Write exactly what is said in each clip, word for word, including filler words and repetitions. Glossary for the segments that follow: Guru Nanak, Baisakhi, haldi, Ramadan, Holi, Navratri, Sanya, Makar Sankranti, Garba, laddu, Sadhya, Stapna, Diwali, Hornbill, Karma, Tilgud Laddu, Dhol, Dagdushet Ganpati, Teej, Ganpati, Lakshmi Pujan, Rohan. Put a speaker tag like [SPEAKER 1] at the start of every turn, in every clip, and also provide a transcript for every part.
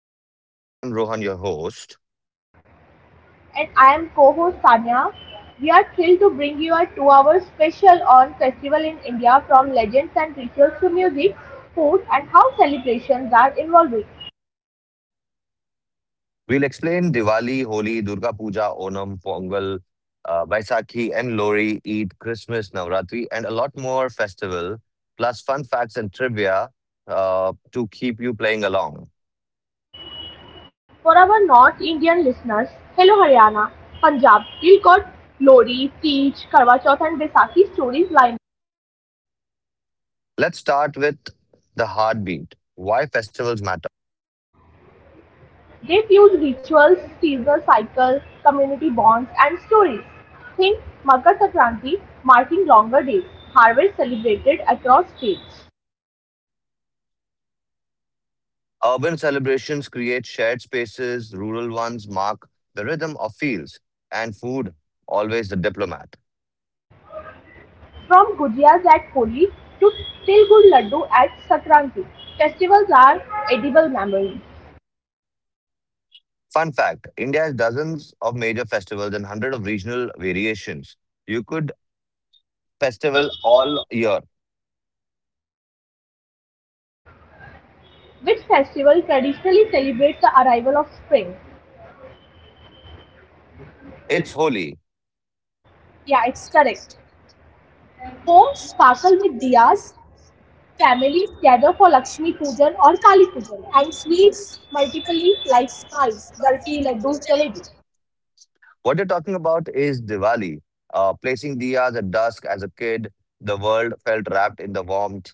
[SPEAKER 1] podcast. I'm Rohan, your host.
[SPEAKER 2] And I am co-host Sanya. We are thrilled to bring you a two-hour special on festival in India, from legends and rituals to music, food and how celebrations are evolving.
[SPEAKER 1] We'll explain Diwali, Holi, Durga Puja, Onam, Pongal, uh, Baisakhi, and Lori, Eid, Christmas, Navratri, and a lot more festival, plus fun facts and trivia uh, to keep you playing along.
[SPEAKER 2] For our North Indian listeners, hello Haryana, Punjab, still got Lori, Teej, Karwa Chauth and Baisakhi stories line.
[SPEAKER 1] Let's start with the heartbeat. Why festivals matter.
[SPEAKER 2] They fuse rituals, seasonal cycles, community bonds and stories. Think Makar Sankranti marking longer days, harvest celebrated across states.
[SPEAKER 1] Urban celebrations create shared spaces, rural ones mark the rhythm of fields, and food, always the diplomat.
[SPEAKER 2] From gujias at Holi to Tilgud Laddu at Sankranti, festivals are edible memories.
[SPEAKER 1] Fun fact: India has dozens of major festivals and hundreds of regional variations. You could festival all year.
[SPEAKER 2] Which festival traditionally celebrates the arrival of spring?
[SPEAKER 1] It's
[SPEAKER 2] It's
[SPEAKER 1] Holi.
[SPEAKER 2] Yeah, it's correct. Homes sparkle with diyas, families gather for Lakshmi Pujan or Kali Pujan, and sweets multiply like mice, burfi, laddu, jalebi.
[SPEAKER 1] What you're talking about is Diwali. Uh, placing diyas at dusk as a kid, the world felt wrapped in the warmth.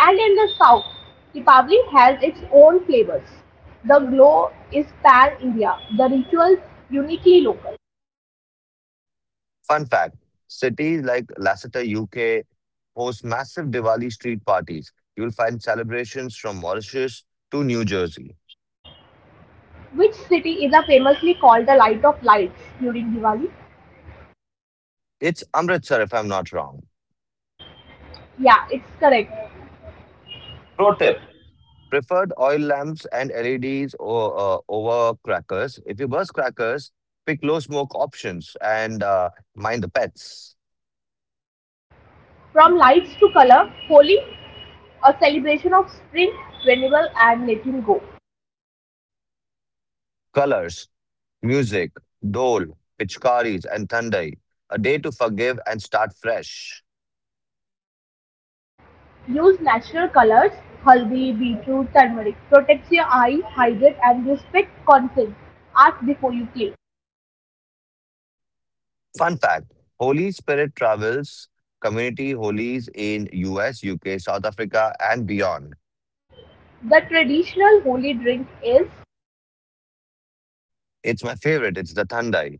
[SPEAKER 2] And in the south, Deepavali has its own flavors. The glow is pan India, the rituals uniquely local.
[SPEAKER 1] Fun fact: cities like Lassiter, U K, host massive Diwali street parties. You'll find celebrations from Mauritius to New Jersey.
[SPEAKER 2] Which city is a famously called the Light of Lights during Diwali?
[SPEAKER 1] It's Amritsar, if I'm not wrong.
[SPEAKER 2] Yeah, it's correct.
[SPEAKER 1] Pro
[SPEAKER 2] Note them.
[SPEAKER 1] tip: preferred oil lamps and L E Ds o- uh, over crackers. If you burst crackers, pick low smoke options and uh, mind the pets.
[SPEAKER 2] From lights to color, Holi, a celebration of spring, renewal, and letting go.
[SPEAKER 1] Colors, music, dole, pitchkaris, and thundai. A day to forgive and start fresh.
[SPEAKER 2] Use natural colors, haldi, beetroot, turmeric. Protects your eye, hydrate, and respect consent. Ask before you play.
[SPEAKER 1] Fun fact: Holy Spirit travels community holies in U S, U K, South Africa, and beyond.
[SPEAKER 2] The traditional Holi drink is.
[SPEAKER 1] It's my favorite. It's the Thandai.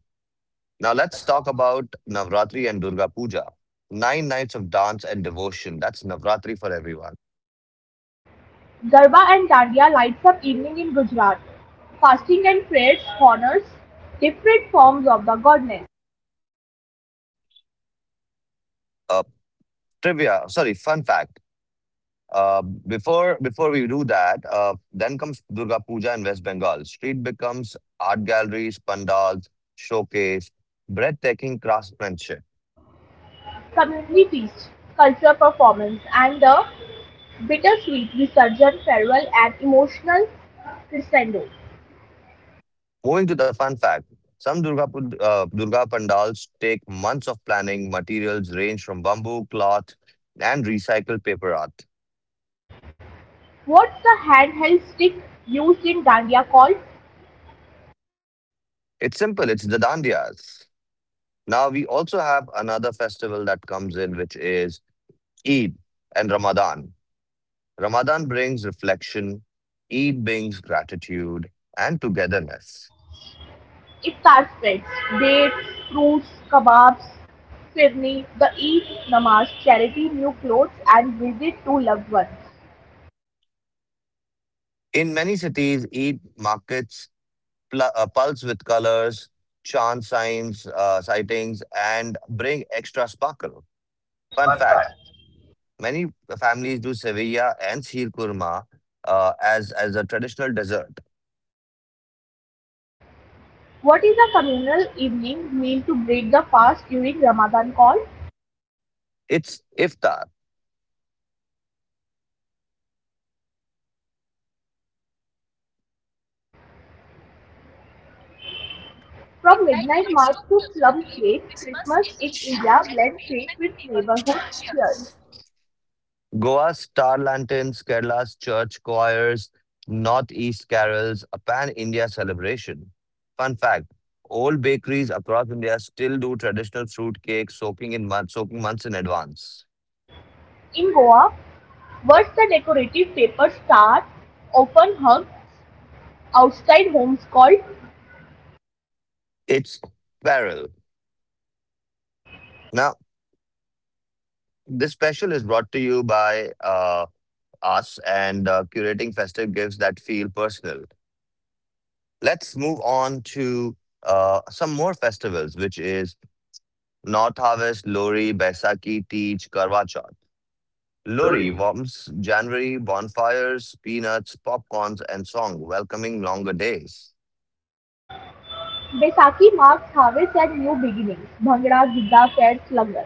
[SPEAKER 1] Now let's
[SPEAKER 2] Let's
[SPEAKER 1] talk about Navratri and Durga Puja. Nine nights of dance and devotion. That's Navratri for everyone.
[SPEAKER 2] Garba and Dandiya lights up evening in Gujarat. Fasting and prayers honors different forms of the goddess.
[SPEAKER 1] Uh, trivia, sorry, Fun fact. Uh, before before we do that, uh, then comes Durga Puja in West Bengal. Street becomes art galleries, pandals, showcase, breathtaking craftsmanship.
[SPEAKER 2] Community feast, cultural performance, and the bittersweet resurgent farewell and emotional crescendo.
[SPEAKER 1] Moving to the fun fact. Some Durga, Pu- uh, Durga pandals take months of planning. Materials range from bamboo, cloth, and recycled paper art.
[SPEAKER 2] What's the handheld stick used in Dandiya called?
[SPEAKER 1] It's simple. It's the dandiyas. Now we also have another festival that comes in, which is Eid and Ramadan. Ramadan brings reflection, Eid brings gratitude and togetherness.
[SPEAKER 2] Iftar spreads, dates, fruits, kebabs, firni, the Eid namaz, charity, new clothes, and visit to loved ones.
[SPEAKER 1] In many cities, Eid markets pl- uh, pulse with colors, chant signs, uh, sightings, and bring extra sparkle. Fun fact: many families do sevilla and sheer kurma uh, as as a traditional dessert.
[SPEAKER 2] What is a communal evening meal to break the fast during Ramadan called?
[SPEAKER 1] It's iftar.
[SPEAKER 2] From midnight March to Plum Cake, Christmas in India blends faith with neighborhood cheers.
[SPEAKER 1] Goa's star lanterns, Kerala's church choirs, Northeast carols, a pan India celebration. Fun fact: old bakeries across India still do traditional fruit cakes, soaking in months, soaking months in advance.
[SPEAKER 2] In Goa, words the decorative paper star often hung outside homes called.
[SPEAKER 1] It's peril. Now, this special is brought to you by uh, us and uh, curating festive gifts that feel personal. Let's move on to uh, some more festivals, which is North Harvest, Lori, Baisakhi, Teej, Karwa Chauth. Lori
[SPEAKER 2] Lori,
[SPEAKER 1] warms January bonfires, peanuts, popcorns, and song welcoming longer days.
[SPEAKER 2] Baisakhi marks harvest and new beginnings. Bhangra, Gidda, fairs, langar.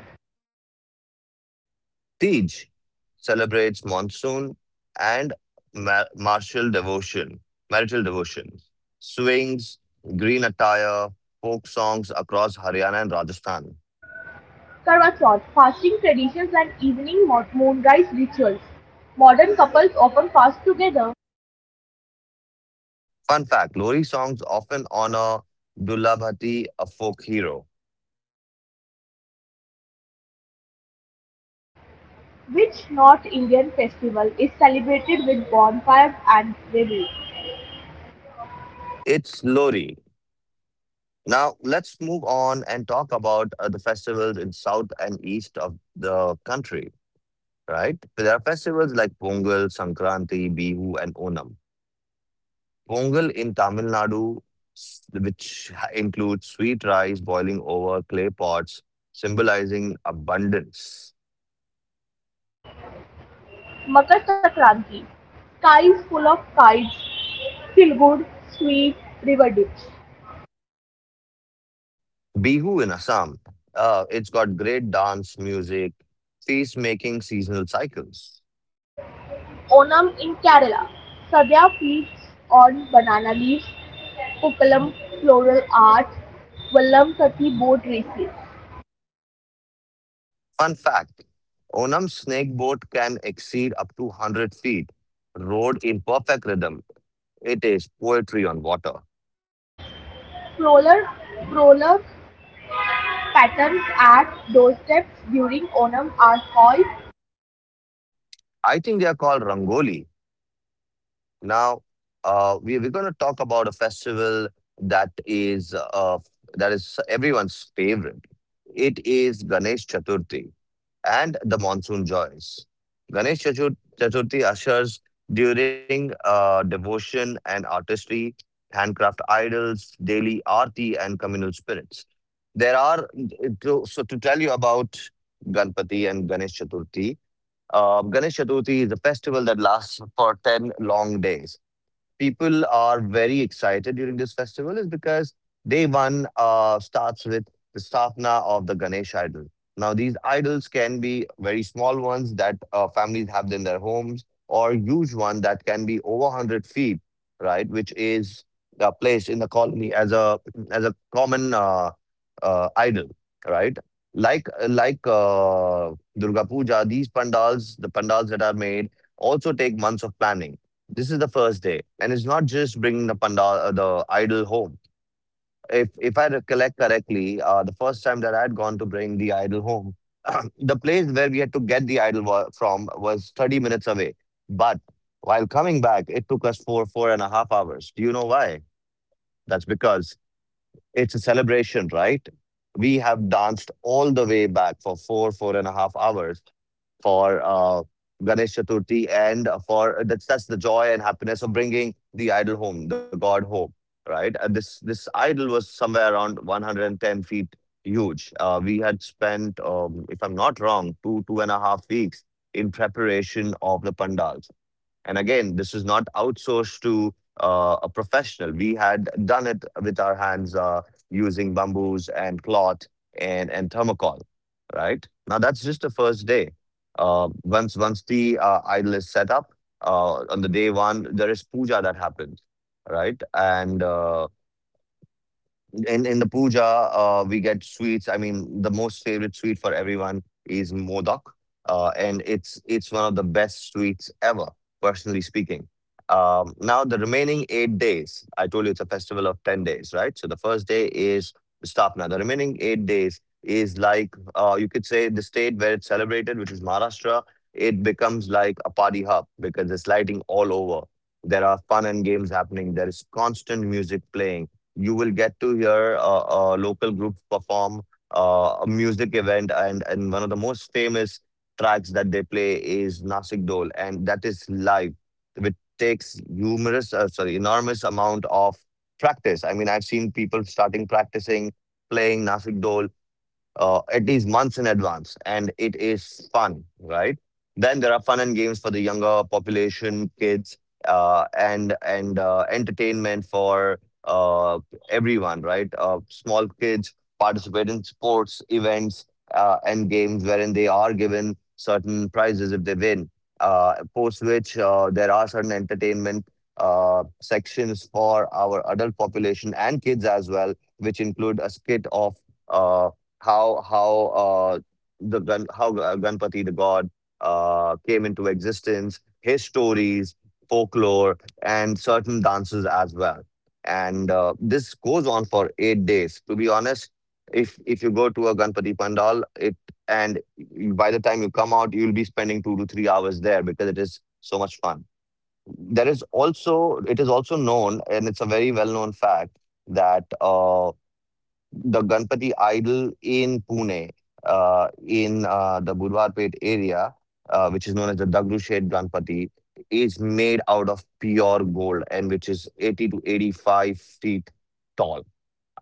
[SPEAKER 1] Tej celebrates monsoon and ma- martial devotion, marital devotion. Swings, green attire, folk songs across Haryana and Rajasthan.
[SPEAKER 2] Karwa Chauth, fasting traditions and evening moonrise rituals. Modern couples often fast together.
[SPEAKER 1] Fun fact: Lori songs often honor Dullabhati, a folk hero.
[SPEAKER 2] Which North Indian festival is celebrated with bonfires and revelry?
[SPEAKER 1] It's Lori. Now, let's move on and talk about uh, the festivals in south and east of the country, right? There are festivals like Pongal, Sankranti, Bihu, and Onam. Pongal in Tamil Nadu, s- which ha- includes sweet rice boiling over clay pots, symbolizing abundance.
[SPEAKER 2] Makar Sankranti: sky is full of kites, feel-good, sweet river dips.
[SPEAKER 1] Bihu in Assam, uh, it's got great dance, music, feast making seasonal cycles.
[SPEAKER 2] Onam in Kerala: Sadhya feeds on banana leaves. Pukkalam: floral art. Vallamkathi: boat races.
[SPEAKER 1] Fun fact: Onam's snake boat can exceed up to 100 feet, rowed in perfect rhythm. It is poetry on water.
[SPEAKER 2] Floral floral patterns at doorsteps during Onam are called.
[SPEAKER 1] I think they are called Rangoli. Now, uh, we, we're going to talk about a festival that is uh, that is everyone's favorite. It is Ganesh Chaturthi and the monsoon joys. Ganesh Chatur- Chaturthi ushers during uh, devotion and artistry, handcraft idols, daily arti, and communal spirits. There are to, so to tell you about Ganpati and Ganesh Chaturthi. Uh, Ganesh Chaturthi is a festival that lasts for ten long days. People are very excited during this festival is because day one uh, starts with the stapna of the Ganesh idol. Now, these idols can be very small ones that uh, families have in their homes, or huge one that can be over 100 feet, right? Which is uh, placed in the colony as a as a common uh, uh, idol, right? Like like uh, Durga Puja, these pandals, the pandals that are made, also take months of planning. This is the first day, and it's not just bringing the pandal, uh, the idol home. If if I recollect correctly, uh, the first time that I had gone to bring the idol home, the place where we had to get the idol wa- from was thirty minutes away, but while coming back, it took us four four and a half hours. Do you know why? That's because it's a celebration, right? We have danced all the way back for four, four and a half hours for uh, Ganesh Chaturthi, and uh, for uh, that's that's the joy and happiness of bringing the idol home, the god home, right? And this this idol was somewhere around one hundred and ten feet huge. Uh, we had spent, um, if I'm not wrong, two two and a half weeks in preparation of the pandals. And again, this is not outsourced to uh, a professional. We had done it with our hands uh, using bamboos and cloth and, and, thermocol, right? Now, that's just the first day. Uh, once once the uh, idol is set up, uh, on the day one, there is puja that happens, right? And uh, in in the puja, uh, we get sweets. I mean, the most favorite sweet for everyone is modak, uh, and it's it's one of the best sweets ever, personally speaking. Um, now, the remaining eight days, I told you it's a festival of ten days, right? So the first day is Stapna. The remaining eight days is like uh, you could say the state where it's celebrated, which is Maharashtra. It becomes like a party hub because it's lighting all over. There are fun and games happening. There is constant music playing. You will get to hear uh, uh, local groups perform uh, a music event, and and one of the most famous tracks that they play is Nasik Dol, and that is live, which takes humorous, uh, sorry, enormous amount of practice. I mean, I've seen people starting practicing playing Nasik Dol uh, at least months in advance, and it is fun, right? Then there are fun and games for the younger population, kids, uh, and and uh, entertainment for uh, everyone, right? Uh, small kids participate in sports events uh, and games wherein they are given certain prizes if they win. Uh, post which uh, there are certain entertainment uh, sections for our adult population and kids as well, which include a skit of uh, how how uh, the Gan- how Ga- Ganpati the god uh, came into existence, his stories, folklore, and certain dances as well. And uh, this goes on for eight days. To be honest, if if you go to a Ganpati pandal, it and you- by the time you come out, you'll be spending two to three hours there because it is so much fun. There is also It is also known, and it's a very well known fact that. uh, the Ganpati idol in Pune, uh, in uh, the Budvarpet area, uh, which is known as the Dagdushet Ganpati, is made out of pure gold and which is eighty to eighty-five feet tall.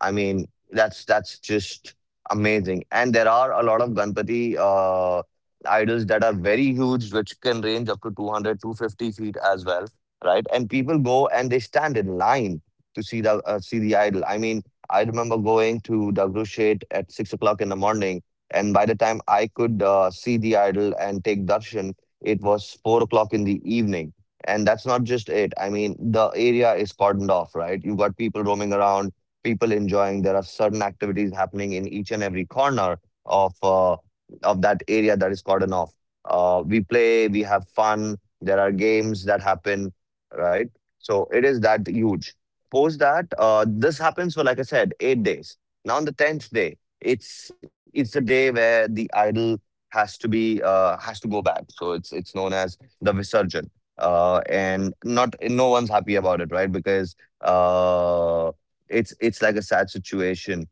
[SPEAKER 1] I mean, that's that's just amazing. And there are a lot of Ganpati uh, idols that are very huge, which can range up to two hundred, two hundred fifty feet as well, right? And people go and they stand in line to see the uh, see the idol. I mean, I remember going to Dagrushet at six o'clock in the morning, and by the time I could uh, see the idol and take darshan, it was four o'clock in the evening. And that's not just it. I mean, the area is cordoned off, right? You've got people roaming around, people enjoying. There are certain activities happening in each and every corner of uh, of that area that is cordon off. Uh, we play, we have fun. There are games that happen, right? So it is that huge. Post that, uh, this happens for like I said, eight days. Now on the tenth day, it's it's the day where the idol has to be uh, has to go back. So it's it's known as the Visarjan. Uh, and not no one's happy about it, right? Because uh, it's it's like a sad situation.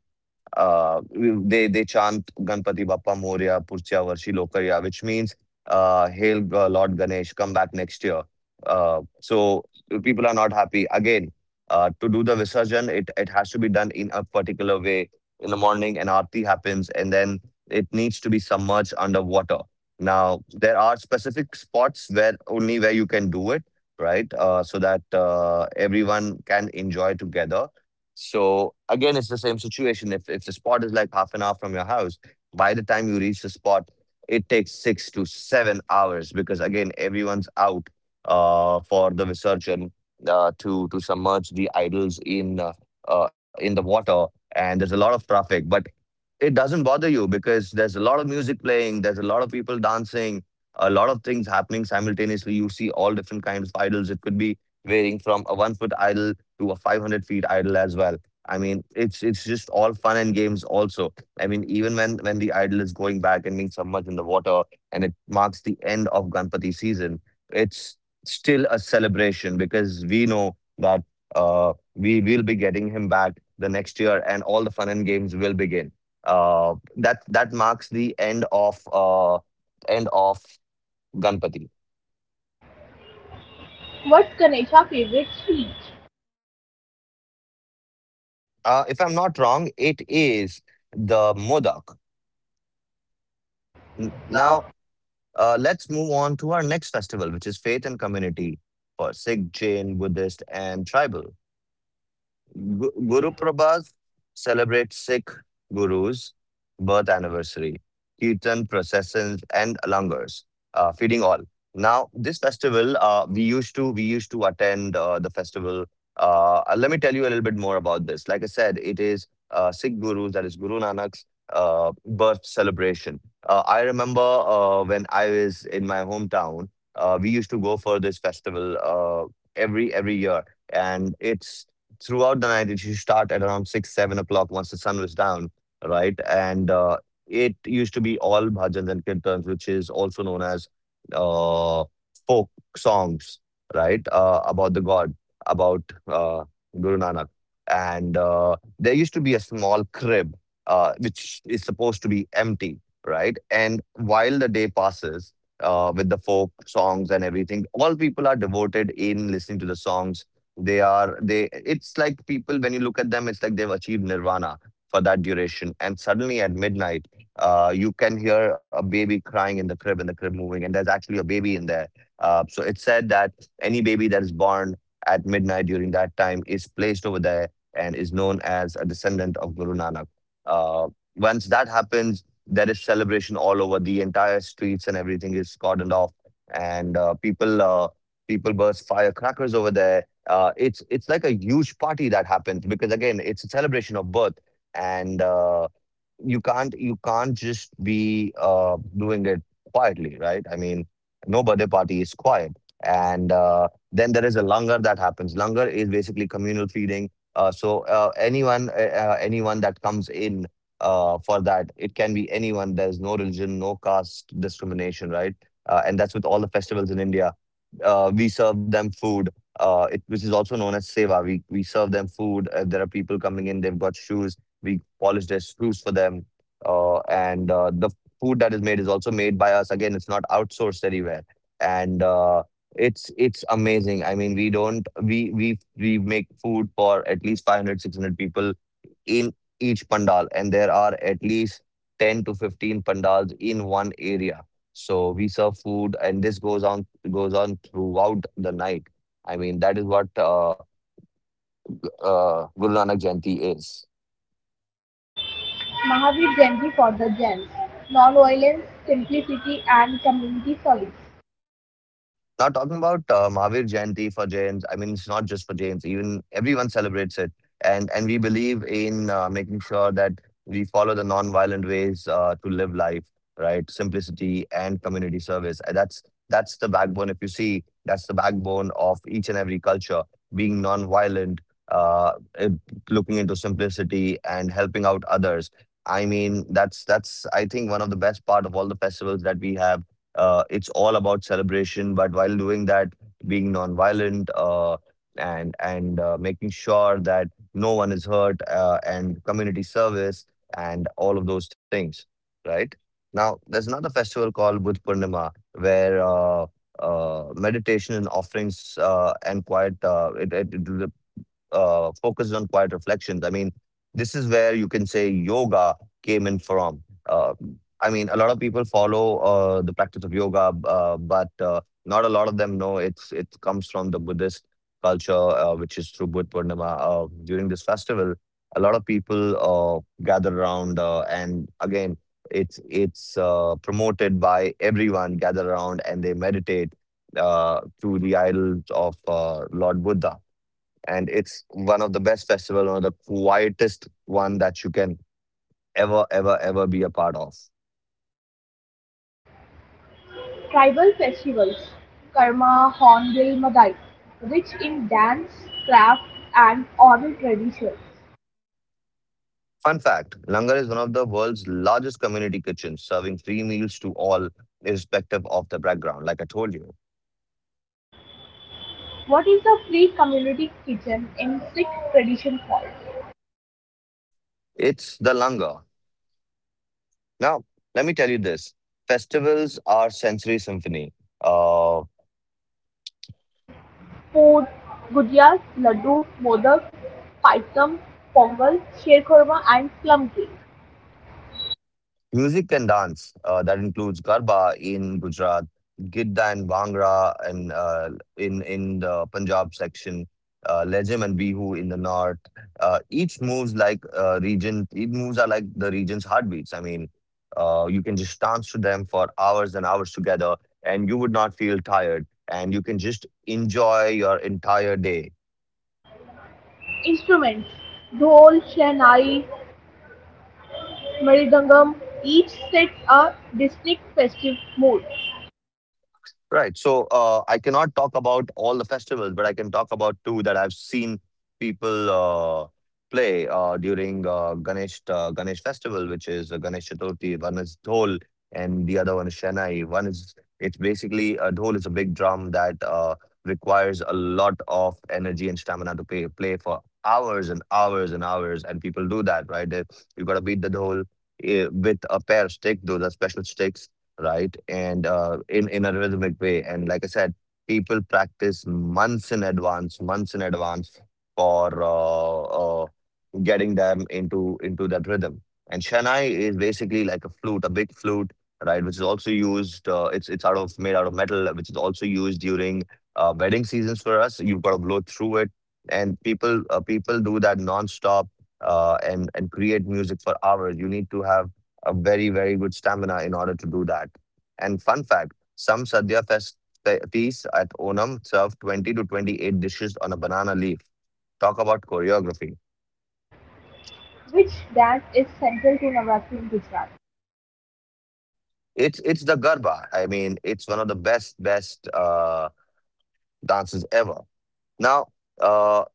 [SPEAKER 1] Uh, they they chant Ganpati Bappa Moria Purchya Varshi Lokarya, which means uh, "Hail Ga- Lord Ganesh, come back next year." Uh, so people are not happy. Again, uh, to do the Visarjan, it it has to be done in a particular way. In the morning, an aarti happens, and then it needs to be submerged under water. Now, there are specific spots where only where you can do it, right? Uh, so that uh, everyone can enjoy together. So again, it's the same situation. If if the spot is like half an hour from your house, by the time you reach the spot, it takes six to seven hours because again, everyone's out uh, for the Visarjan uh, to to submerge the idols in uh, uh, in the water, and there's a lot of traffic. But it doesn't bother you because there's a lot of music playing, there's a lot of people dancing, a lot of things happening simultaneously. You see all different kinds of idols. It could be varying from a one foot idol to a five hundred feet idol as well. I mean, it's it's just all fun and games also. I mean, even when when the idol is going back and being submerged in the water and it marks the end of Ganpati season, it's still a celebration because we know that uh, we will be getting him back the next year and all the fun and games will begin. Uh, that that marks the end of uh, end of Ganpati.
[SPEAKER 2] What's Ganesha's favorite sweet?
[SPEAKER 1] Uh, if I'm not wrong, it is the Modak. N-
[SPEAKER 2] Now,
[SPEAKER 1] Now, uh, let's move on to our next festival, which is faith and community for Sikh, Jain, Buddhist, and tribal. Gu- Guru Prabhat celebrates Sikh Guru's birth anniversary, Kirtan processions and langars, uh, feeding all. Now, this festival, uh, we used to we used to attend uh, the festival. Uh, uh, let me tell you a little bit more about this. Like I said, it is uh, Sikh Guru's, that is Guru Nanak's uh, birth celebration. Uh, I remember uh, when I was in my hometown, uh, we used to go for this festival uh, every every year, and it's throughout the night. It used to start at around six seven o'clock once the sun was down, right. and uh, It used to be all bhajans and kirtans, which is also known as uh, folk songs, right, uh, about the god, about uh, Guru Nanak. And uh, There used to be a small crib, uh, which is supposed to be empty, right. And while the day passes, uh, with the folk songs and everything, all people are devoted in listening to the songs. They are they it's like people, when you look at them, it's like they've achieved nirvana for that duration. And suddenly at midnight, uh, you can hear a baby crying in the crib and the crib moving, and there's actually a baby in there. Uh, so it's said that any baby that is born at midnight during that time is placed over there and is known as a descendant of Guru Nanak. Uh, Once that happens, there is celebration all over the entire streets and everything is cordoned off, and uh, people uh, people burst firecrackers over there. Uh, it's it's like a huge party that happens because again, it's a celebration of birth, and uh, you can't you can't just be uh, doing it quietly, right? I mean, no birthday party is quiet, and uh, then there is a langar that happens. Langar is basically communal feeding. Uh, so uh, anyone uh, uh, anyone that comes in uh, for that, it can be anyone. There's no religion, no caste discrimination, right? Uh, and that's with all the festivals in India. Uh, we serve them food, uh, it, which is also known as seva. We we serve them food. If there are people coming in, they've got shoes, we polish their screws for them. Uh, and uh, The food that is made is also made by us. Again, it's not outsourced anywhere. And uh, it's it's amazing. I mean, we don't we we we make food for at least five hundred six hundred people in each pandal, and there are at least ten to fifteen pandals in one area. So we serve food, and this goes on goes on throughout the night. I mean, that is what uh, uh, Guru Nanak Jayanti is.
[SPEAKER 2] Mahavir Jayanti for the Jains: nonviolence, simplicity and community service.
[SPEAKER 1] Now, talking about uh, Mahavir Jayanti for Jains, I mean, it's not just for Jains. Even everyone celebrates it, and and we believe in uh, making sure that we follow the non-violent ways uh, to live life, right? Simplicity and community service. And that's that's the backbone. If you see, that's the backbone of each and every culture. Being non-violent, uh, eh, looking into simplicity and helping out others. I mean, that's that's I think one of the best part of all the festivals that we have, uh, it's all about celebration, but while doing that, being nonviolent uh, and and uh, making sure that no one is hurt, uh, and community service and all of those things, right? Now, there's another festival called Budh Purnima where uh, uh, meditation and offerings uh, and quiet uh, it, it, it uh, focused on quiet reflections. I mean, this is where you can say yoga came in from. Uh, I mean, a lot of people follow uh, the practice of yoga, uh, but uh, not a lot of them know it's it comes from the Buddhist culture, uh, which is through Buddha Purnima. Uh, during this festival, a lot of people uh, gather around, uh, and again, it's it's uh, promoted by everyone. Gather around and they meditate uh, to the idols of uh, Lord Buddha, and it's one of the best festival, one of the quietest one that you can ever, ever, ever be a part of.
[SPEAKER 2] Tribal festivals: Karma Hornbill Madai, rich in dance, craft and oral traditions.
[SPEAKER 1] Fun fact: Langar is one of the world's largest community kitchens, serving free meals to all, irrespective of the background. Like I told you,
[SPEAKER 2] What is the free community kitchen in Sikh tradition called?
[SPEAKER 1] it's the Langar. Now, let me tell you this: festivals are sensory symphony. Uh,
[SPEAKER 2] Food, gujiyas, laddu, modak, paitam, pongal, sher Khurma, and plum cake.
[SPEAKER 1] Music and dance, uh, that includes Garba in Gujarat, Gidda and Bhangra and uh, in, in the Punjab section, uh, Lejem and Bihu in the north. Uh, each moves like uh, region, each moves are like the region's heartbeats. I mean, uh, you can just dance to them for hours and hours together, and you would not feel tired, and you can just enjoy your entire day.
[SPEAKER 2] Instruments: dhol, shehnai, Maridangam, each sets a distinct festive mood.
[SPEAKER 1] Right. So uh, I cannot talk about all the festivals, but I can talk about two that I've seen people uh, play uh, during uh, Ganesh uh, Ganesh festival, which is uh, Ganesh Chaturthi. One is dhol, and the other one is shanai. One is, it's basically, a dhol is a big drum that uh, requires a lot of energy and stamina to play play for hours and hours and hours, and people do that, right? They, you got to beat the dhol eh, with a pair of stick. Those are special sticks, right? And uh, in in a rhythmic way. And like I said, people practice months in advance, months in advance for uh, uh, getting them into into that rhythm. And Shanai is basically like a flute, a big flute, right? Which is also used. Uh, it's it's out of made out of metal, which is also used during uh, wedding seasons for us. You've got to blow through it, and people uh, people do that nonstop, uh, and and create music for hours. You need to have a very very good stamina in order to do that. And fun fact: some sadhya fest fe- feasts at Onam serve twenty to twenty-eight dishes on a banana leaf. Talk about choreography.
[SPEAKER 2] Which dance is central to Navratri in Gujarat?
[SPEAKER 1] It's it's the garba. I mean, it's one of the best best uh, dances ever. Now, uh,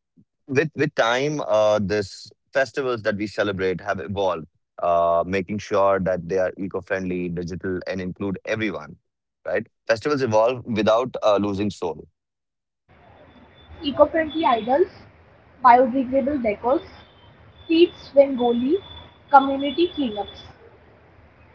[SPEAKER 1] with with time, uh, this festivals that we celebrate have evolved, uh, making sure that they are eco-friendly, digital, and include everyone. Right? Festivals evolve without uh, losing soul.
[SPEAKER 2] Eco-friendly idols, biodegradable decors, streets Rangoli, community cleanups.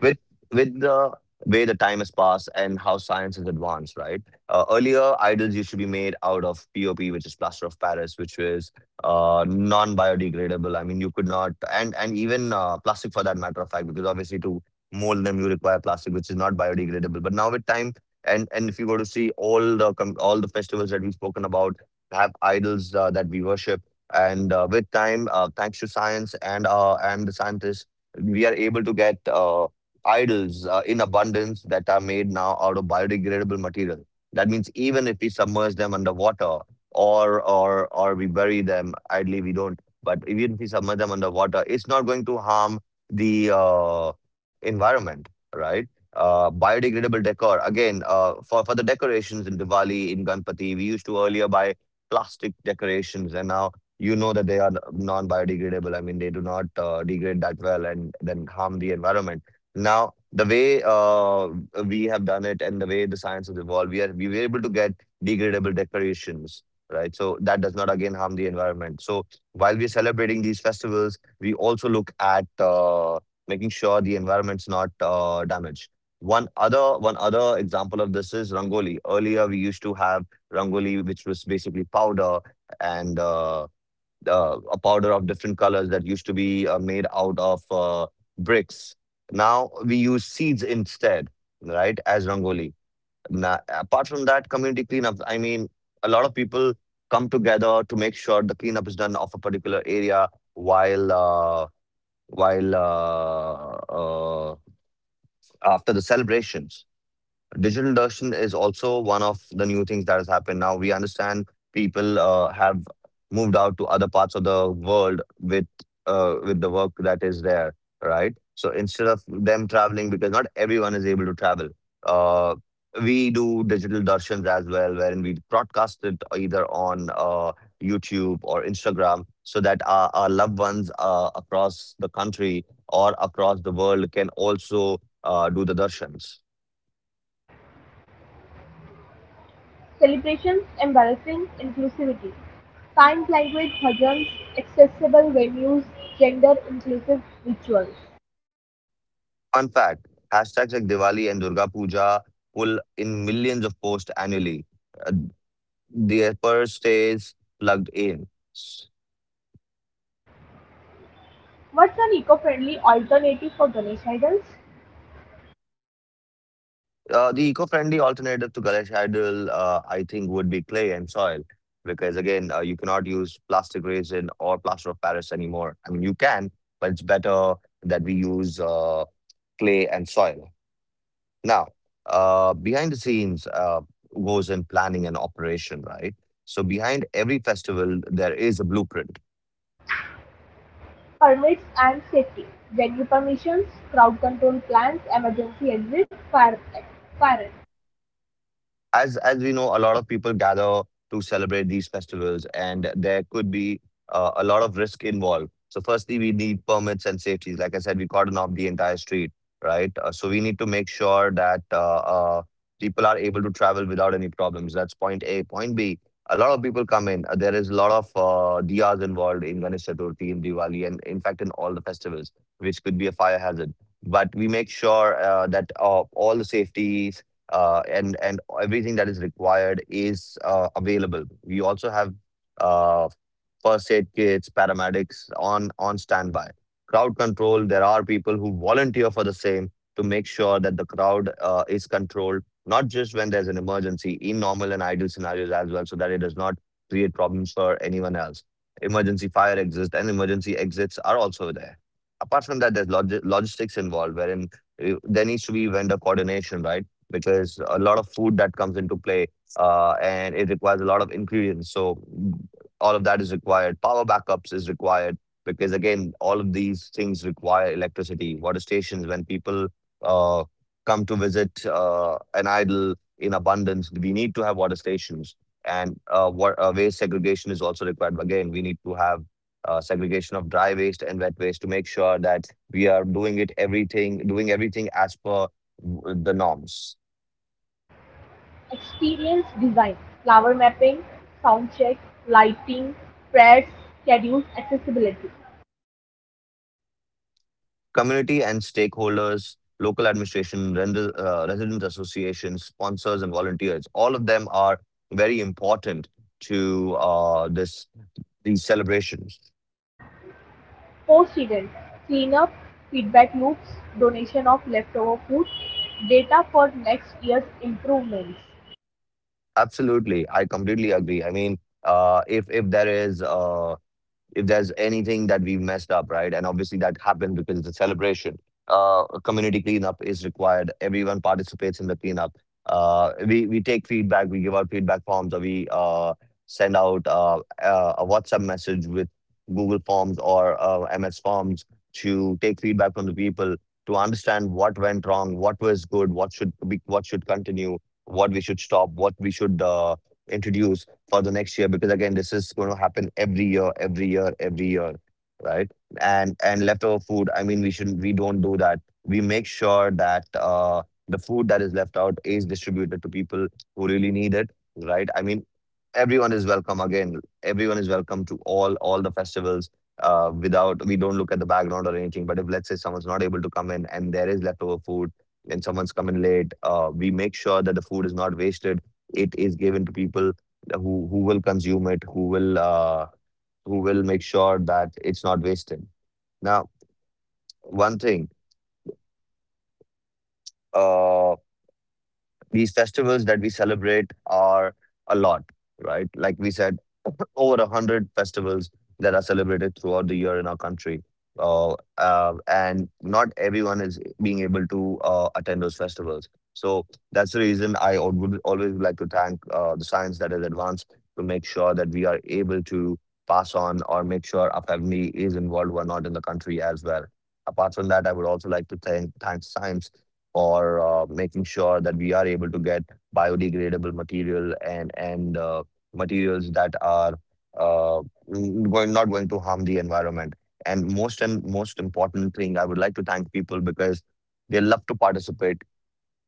[SPEAKER 1] with with the way the time has passed and how science has advanced, right? Uh, earlier, idols used to be made out of P O P, which is plaster of Paris, which was uh, non-biodegradable. I mean, you could not, and and even uh, plastic for that matter of fact, because obviously to mold them you require plastic, which is not biodegradable. But now with time, and and if you go to see all the com- all the festivals that we've spoken about have idols uh, that we worship, and uh, with time, uh, thanks to science and uh, and the scientists, we are able to get uh, idols uh, in abundance that are made now out of biodegradable material. That means even if we submerge them underwater or or or we bury them, ideally we don't. But even if we submerge them underwater, it's not going to harm the uh, environment, right? Uh, biodegradable decor again, uh, for for the decorations in Diwali, in Ganpati, we used to earlier buy plastic decorations, and now you know that they are non-biodegradable. I mean, they do not uh, degrade that well and then harm the environment. Now, the way uh, we have done it and the way the science has evolved, we are we were able to get degradable decorations, right? So that does not again harm the environment. So while we're celebrating these festivals, we also look at uh, making sure the environment's not uh, damaged. One other one other example of this is Rangoli. Earlier, we used to have Rangoli, which was basically powder and uh, uh, a powder of different colors that used to be uh, made out of uh, bricks. Now we use seeds instead, right, as Rangoli. Now, apart from that, community cleanup, I mean, a lot of people come together to make sure the cleanup is done of a particular area while uh, while uh, uh, after the celebrations, digital induction is also one of the new things that has happened. Now we understand people uh, have moved out to other parts of the world with uh, with the work that is there, right? So instead of them traveling, because not everyone is able to travel, uh, we do digital darshans as well, wherein we broadcast it either on uh, YouTube or Instagram so that our, our loved ones uh, across the country or across the world can also uh, do the darshans.
[SPEAKER 2] Celebrations embarrassing inclusivity. Sign language bhajans, accessible venues, gender inclusive rituals.
[SPEAKER 1] Fun fact, hashtags like Diwali and Durga Puja pull in millions of posts annually. Uh, the effort stays plugged in.
[SPEAKER 2] What's an eco-friendly alternative for Ganesh idols?
[SPEAKER 1] Uh, the eco-friendly alternative to Ganesh idol, uh, I think, would be clay and soil. Because again, uh, you cannot use plastic resin or plaster of Paris anymore. I mean, you can, but it's better that we use uh, clay and soil. Now, uh, behind the scenes uh, goes in planning and operation, right? So behind every festival, there is a blueprint.
[SPEAKER 2] Permits and safety: venue permissions, crowd control plans, emergency exits, fire fire.
[SPEAKER 1] as as we know, a lot of people gather to celebrate these festivals, and there could be uh, a lot of risk involved. So, firstly, we need permits and safeties. Like I said, we cordon off the entire street, right? Uh, so, we need to make sure that uh, uh, people are able to travel without any problems. That's point A. Point B. A lot of people come in. Uh, there is a lot of uh, diyas involved in Ganesh Chaturthi, in Diwali, and in fact, in all the festivals, which could be a fire hazard. But we make sure uh, that uh, all the safety uh, and and everything that is required is uh, available. We also have uh, first aid kits, paramedics on on standby. Crowd control. There are people who volunteer for the same to make sure that the crowd uh, is controlled, not just when there's an emergency, in normal and ideal scenarios as well, so that it does not create problems for anyone else. Emergency fire exits and emergency exits are also there. Apart from that, there's log- logistics involved, wherein uh, there needs to be vendor coordination, right? Because a lot of food that comes into play, uh, and it requires a lot of ingredients. So mm, all of that is required. Power backups is required because again, all of these things require electricity. Water stations, when people uh, come to visit uh, an idol in abundance, we need to have water stations. And uh, wa- uh, waste segregation is also required. Again, we need to have uh, segregation of dry waste and wet waste to make sure that we are doing it everything, doing everything as per w- the norms.
[SPEAKER 2] Experience design, flower mapping, sound check, lighting, prayers, schedules, accessibility.
[SPEAKER 1] Community and stakeholders, local administration, render- uh, resident associations, sponsors, and volunteers, all of them are very important to uh, this these celebrations.
[SPEAKER 2] Post-event cleanup, feedback loops, donation of leftover food, data for next year's improvements.
[SPEAKER 1] Absolutely, I completely agree. I mean, uh, if if there is uh, if there's anything that we've messed up, right? And obviously that happened because it's a celebration. Uh, a community cleanup is required. Everyone participates in the cleanup. Uh, we we take feedback. We give out feedback forms, or we uh, send out uh, uh, a WhatsApp message with Google Forms or uh, M S Forms to take feedback from the people to understand what went wrong, what was good, what should be, what should continue, what we should stop, what we should uh, introduce for the next year, because again this is going to happen every year, every year, every year, right? And and leftover food, I mean, we shouldn't we don't do that. We make sure that uh the food that is left out is distributed to people who really need it, right? I mean, everyone is welcome. Again, everyone is welcome to all all the festivals. Uh, without We don't look at the background or anything, but if let's say someone's not able to come in and there is leftover food and someone's coming late, uh, we make sure that the food is not wasted. It is given to people who who will consume it, who will uh, who will make sure that it's not wasted. Now, one thing. Uh, These festivals that we celebrate are a lot, right? Like we said, over a hundred festivals that are celebrated throughout the year in our country. Uh, uh, and not everyone is being able to uh, attend those festivals. So that's the reason I al- would always like to thank uh, the science that has advanced to make sure that we are able to pass on or make sure our family is involved who are not in the country as well. Apart from that, I would also like to thank, thank science or uh, making sure that we are able to get biodegradable material and and uh, materials that are uh, n- going not going to harm the environment. And most and most important thing, I would like to thank people because they love to participate.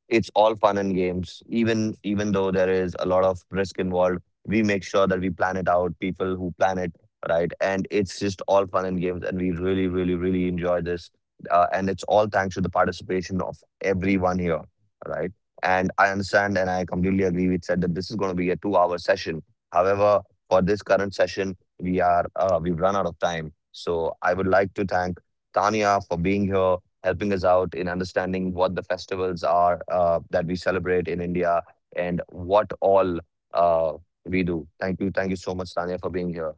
[SPEAKER 1] It's all fun and games, even even though there is a lot of risk involved. We make sure that we plan it out, people who plan it, right? And it's just all fun and games, and we really really really enjoy this. Uh, and it's all thanks to the participation of everyone here, right? And I understand, and I completely agree with said that this is going to be a two hour session. However, for this current session, we are uh, we've run out of time, so I would like to thank Tanya for being here, helping us out in understanding what the festivals are uh, that we celebrate in India and what all uh, we do. Thank you. Thank you so much, Tanya, for being here.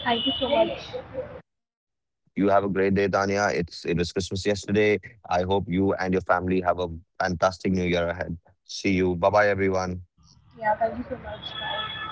[SPEAKER 2] Thank you so much.
[SPEAKER 1] You have a great day, Tanya. It's it was Christmas yesterday. I hope you and your family have a fantastic new year ahead. See you. Bye bye, everyone.
[SPEAKER 2] Yeah, thank you so much. Bye.